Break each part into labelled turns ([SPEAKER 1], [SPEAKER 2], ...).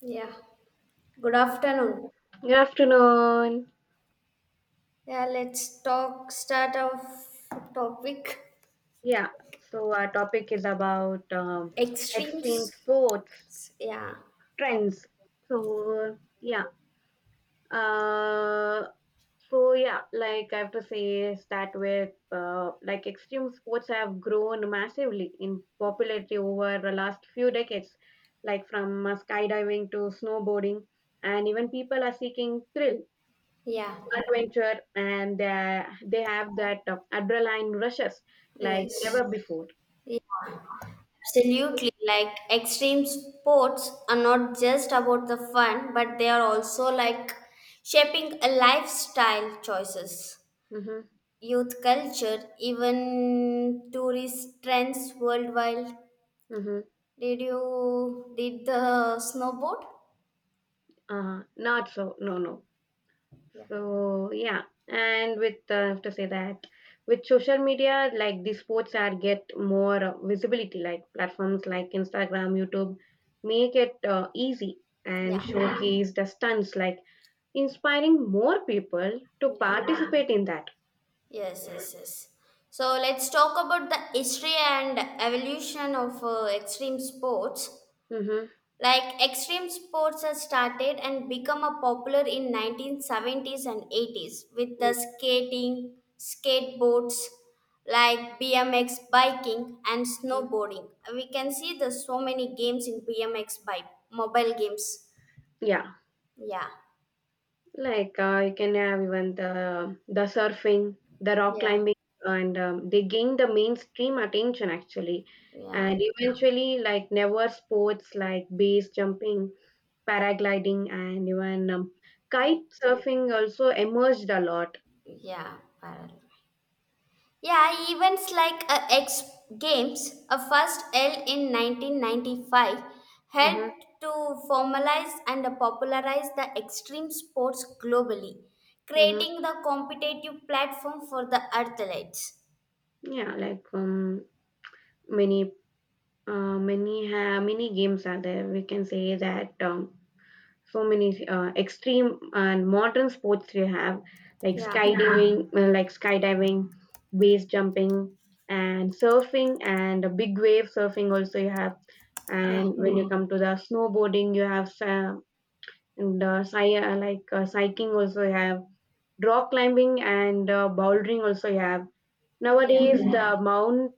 [SPEAKER 1] Yeah. Good afternoon.
[SPEAKER 2] Good afternoon.
[SPEAKER 1] Yeah, let's talk. Start off topic
[SPEAKER 2] Yeah, so our topic is about
[SPEAKER 1] extremes.
[SPEAKER 2] extreme sports
[SPEAKER 1] Yeah.
[SPEAKER 2] trends. So yeah, uh, like I have to say is that with like extreme sports have grown massively in popularity over the last few decades, like from skydiving to snowboarding, and even people are seeking thrill,
[SPEAKER 1] Yeah.
[SPEAKER 2] adventure, and they have that adrenaline rushes like
[SPEAKER 1] Yes.
[SPEAKER 2] never before.
[SPEAKER 1] Yeah, absolutely. Like extreme sports are not just about the fun, but they are also like shaping a lifestyle choices,
[SPEAKER 2] Mm-hmm.
[SPEAKER 1] youth culture, even tourist trends worldwide.
[SPEAKER 2] Mm-hmm.
[SPEAKER 1] Did you did the snowboard?
[SPEAKER 2] Not so. No, no.
[SPEAKER 1] Yeah.
[SPEAKER 2] So yeah, and with I have to say that with social media, like the sports are get more visibility. Like platforms like Instagram, YouTube, make it easy and yeah,
[SPEAKER 1] Yeah.
[SPEAKER 2] showcase the stunts, like inspiring more people to
[SPEAKER 1] Yeah.
[SPEAKER 2] participate in that.
[SPEAKER 1] Yes, yes, yes. So let's talk about the history and evolution of extreme sports.
[SPEAKER 2] Mm-hmm.
[SPEAKER 1] Like extreme sports has started and become a popular in 1970s and 80s with the skating, skateboards like BMX biking and
[SPEAKER 2] Mm-hmm.
[SPEAKER 1] snowboarding. We can see there's so many games in BMX bike, mobile games.
[SPEAKER 2] Yeah.
[SPEAKER 1] Yeah,
[SPEAKER 2] Like you can have even the surfing, the rock
[SPEAKER 1] yeah,
[SPEAKER 2] climbing, and they gain the mainstream attention actually.
[SPEAKER 1] yeah.
[SPEAKER 2] And eventually, like never sports like base jumping, paragliding, and even
[SPEAKER 1] Okay.
[SPEAKER 2] kite surfing also emerged a lot.
[SPEAKER 1] Yeah, parallel. Yeah, events like X Games, a first L in 1995,
[SPEAKER 2] Mm-hmm.
[SPEAKER 1] helped to formalize and popularize the extreme sports globally,
[SPEAKER 2] Mm-hmm.
[SPEAKER 1] creating the competitive platform for the athletes.
[SPEAKER 2] Yeah, like many many ha many games are there. We can say that so many extreme and modern sports we have like
[SPEAKER 1] Yeah,
[SPEAKER 2] skydiving skydiving, base jumping and surfing, and a big wave surfing also you have,
[SPEAKER 1] yeah,
[SPEAKER 2] and when you come to the snowboarding you have and cycling also you have, rock climbing and bouldering also you have.
[SPEAKER 1] yeah,
[SPEAKER 2] Nowadays the mount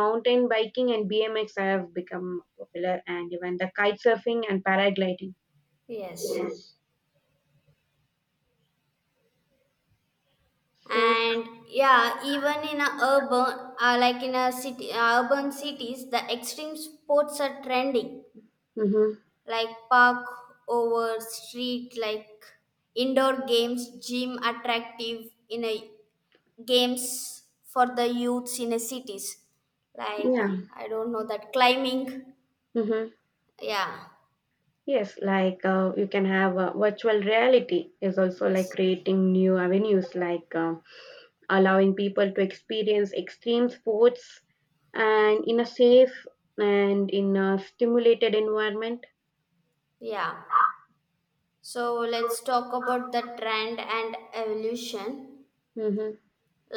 [SPEAKER 2] mountain biking and bmx have become popular, and even the kite surfing and paragliding.
[SPEAKER 1] yes.
[SPEAKER 2] So,
[SPEAKER 1] And yeah, even in a urban, like in a city, urban cities, the extreme sports are trending
[SPEAKER 2] hmm,
[SPEAKER 1] like park over street like indoor games gym attractive in a games for the youths in the cities like
[SPEAKER 2] yeah.
[SPEAKER 1] I don't know that climbing.
[SPEAKER 2] Mm-hmm.
[SPEAKER 1] Yeah,
[SPEAKER 2] Yes, like you can have virtual reality is also like
[SPEAKER 1] yes.
[SPEAKER 2] creating new avenues, like allowing people to experience extreme sports and in a safe and in a stimulated environment.
[SPEAKER 1] Yeah, so let's talk about the trend and evolution
[SPEAKER 2] Mm-hmm.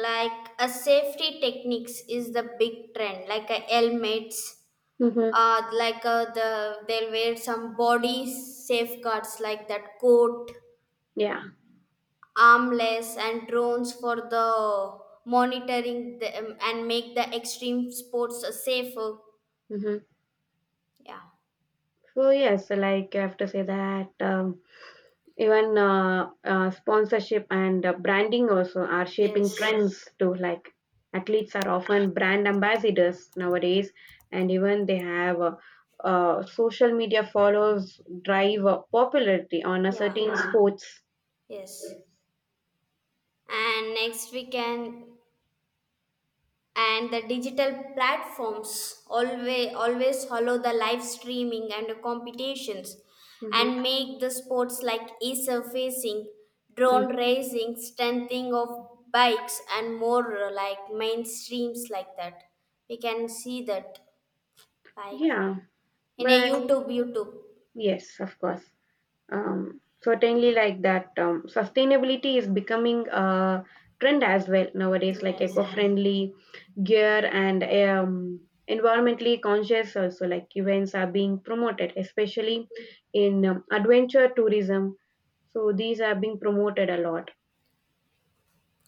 [SPEAKER 1] like a safety techniques is the big trend like a helmets,
[SPEAKER 2] Mm-hmm.
[SPEAKER 1] the they'll wear some body safeguards like that coat
[SPEAKER 2] Yeah.
[SPEAKER 1] armless and drones for the monitoring the, and make the extreme sports safer.
[SPEAKER 2] Mm-hmm.
[SPEAKER 1] Yeah.
[SPEAKER 2] So yes, like I have to say that. Even sponsorship and branding also are shaping
[SPEAKER 1] Yes.
[SPEAKER 2] trends too. Like athletes are often brand ambassadors nowadays, and even they have social media follows drive popularity on a
[SPEAKER 1] Yeah,
[SPEAKER 2] certain sports.
[SPEAKER 1] yes, and next we can, and the digital platforms always follow the live streaming and the competitions
[SPEAKER 2] Hmm.
[SPEAKER 1] and make the sports like e-surfacing, drone
[SPEAKER 2] Mm.
[SPEAKER 1] racing, strengthening of bikes and more, like mainstreams like that we can see that, like
[SPEAKER 2] Yeah,
[SPEAKER 1] in a
[SPEAKER 2] but
[SPEAKER 1] YouTube.
[SPEAKER 2] yes, of course. Certainly, like that, sustainability is becoming a trend as well nowadays, like eco
[SPEAKER 1] Yes.
[SPEAKER 2] friendly gear and environmentally conscious also like events are being promoted, especially in adventure tourism, so these are being promoted a lot.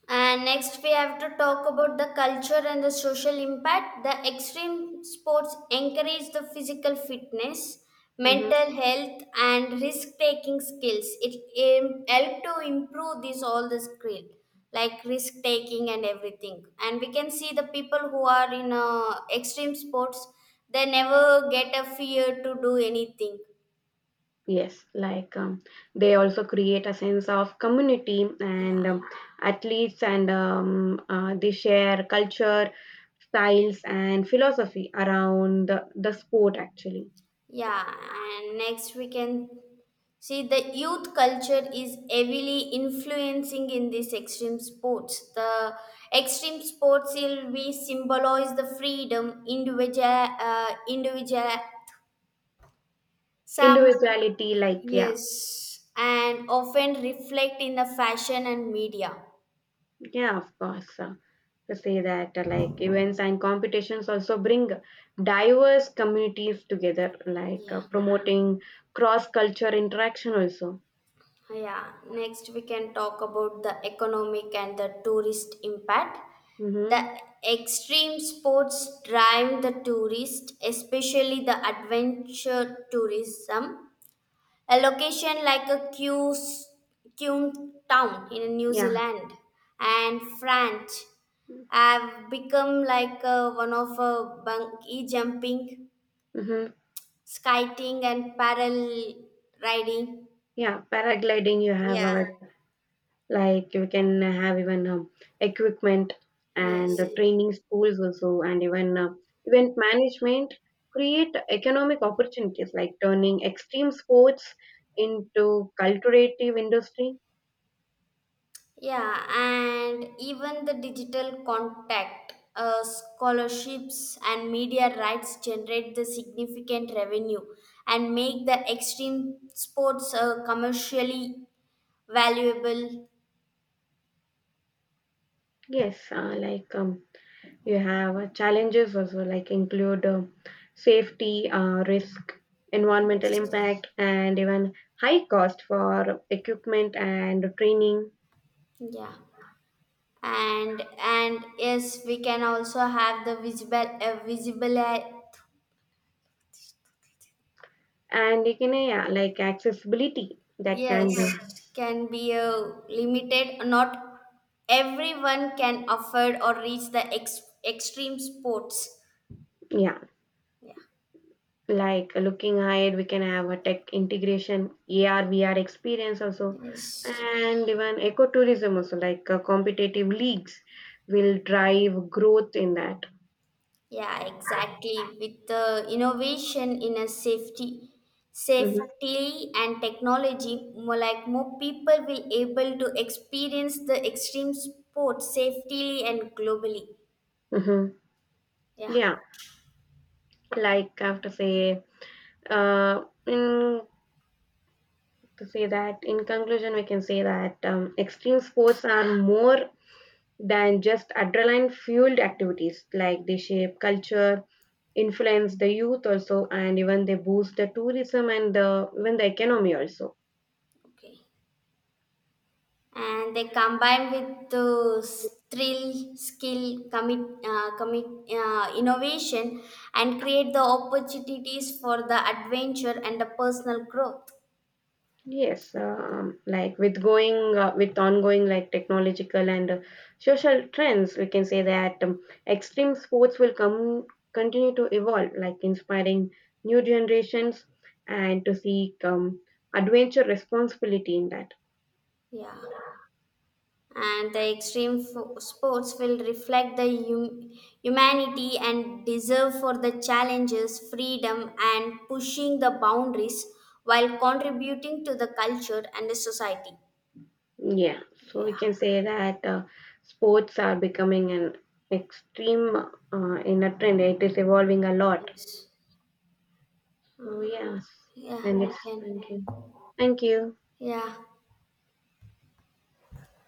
[SPEAKER 1] And next, we have to talk about the culture and the social impact. The extreme sports encourage the physical fitness,
[SPEAKER 2] Hmm.
[SPEAKER 1] mental health, and risk taking skills. It help to improve this all the skill, like risk taking and everything. And we can see the people who are in extreme sports, they never get a fear to do anything.
[SPEAKER 2] Yes, like they also create a sense of community,
[SPEAKER 1] Yeah.
[SPEAKER 2] and athletes and they share culture styles and philosophy around the sport actually.
[SPEAKER 1] Yeah, and next we can see, the youth culture is heavily influencing in these extreme sports. The extreme sports will be symbolize the freedom, individual, some,
[SPEAKER 2] Individuality, like yeah.
[SPEAKER 1] yes, and often reflect in the fashion and media.
[SPEAKER 2] Yeah, of course. To say that like events and competitions also bring diverse communities together like
[SPEAKER 1] Yeah.
[SPEAKER 2] promoting cross culture interaction also.
[SPEAKER 1] Yeah, next we can talk about the economic and the tourist impact.
[SPEAKER 2] Mm-hmm.
[SPEAKER 1] The extreme sports drive the tourist, especially the adventure tourism. A location like a Qum town in New
[SPEAKER 2] Yeah.
[SPEAKER 1] Zealand and France have become like, one of a bungee jumping,
[SPEAKER 2] Mm-hmm.
[SPEAKER 1] skiing, and paddle riding.
[SPEAKER 2] Yeah, paragliding, you have
[SPEAKER 1] Yeah,
[SPEAKER 2] our, like you can have even equipment and
[SPEAKER 1] yes.
[SPEAKER 2] training schools also, and even event management create economic opportunities, like turning extreme sports into culturative industry.
[SPEAKER 1] Yeah, and even the digital contact, scholarships, and media rights generate the significant revenue and make the extreme sports commercially valuable.
[SPEAKER 2] Yes, you have challenges also, like include safety risk, environmental
[SPEAKER 1] Yes.
[SPEAKER 2] impact, and even high cost for equipment and training,
[SPEAKER 1] Yeah, and yes, we can also have the visible
[SPEAKER 2] and you can yeah, like accessibility that can be.
[SPEAKER 1] yes, can be a limited. Not everyone can afford or reach the extreme sports.
[SPEAKER 2] Yeah,
[SPEAKER 1] Yeah.
[SPEAKER 2] like looking ahead, we can have a tech integration, AR, VR experience also,
[SPEAKER 1] Yes.
[SPEAKER 2] and even ecotourism also, like competitive leagues will drive growth in that.
[SPEAKER 1] Yeah, exactly. With the innovation in a safety,
[SPEAKER 2] Mm-hmm.
[SPEAKER 1] safety and technology, more like more people will able to experience the extreme sports safely and globally.
[SPEAKER 2] Mm-hmm.
[SPEAKER 1] Yeah.
[SPEAKER 2] Yeah, like I have to say in to say that in conclusion we can say that extreme sports are more than just adrenaline fueled activities, like they shape culture, influence the youth also, and even they boost the tourism and the, even the economy also.
[SPEAKER 1] Okay. And they combine with those thrill, skill, innovation, and create the opportunities for the adventure and the personal growth.
[SPEAKER 2] Yes, like with ongoing like technological and social trends, we can say that extreme sports will come continue to evolve, like inspiring new generations and to seek adventure responsibility in that.
[SPEAKER 1] Yeah, and the extreme sports will reflect the humanity and deserve for the challenges, freedom, and pushing the boundaries while contributing to the culture and the society.
[SPEAKER 2] Yeah, so we
[SPEAKER 1] Yeah.
[SPEAKER 2] can say that sports are becoming an extreme in a trend. It is evolving a lot.
[SPEAKER 1] Yes.
[SPEAKER 2] So yes,
[SPEAKER 1] Yeah,
[SPEAKER 2] and it's
[SPEAKER 1] we can.
[SPEAKER 2] thank you, thank you.
[SPEAKER 1] Yeah.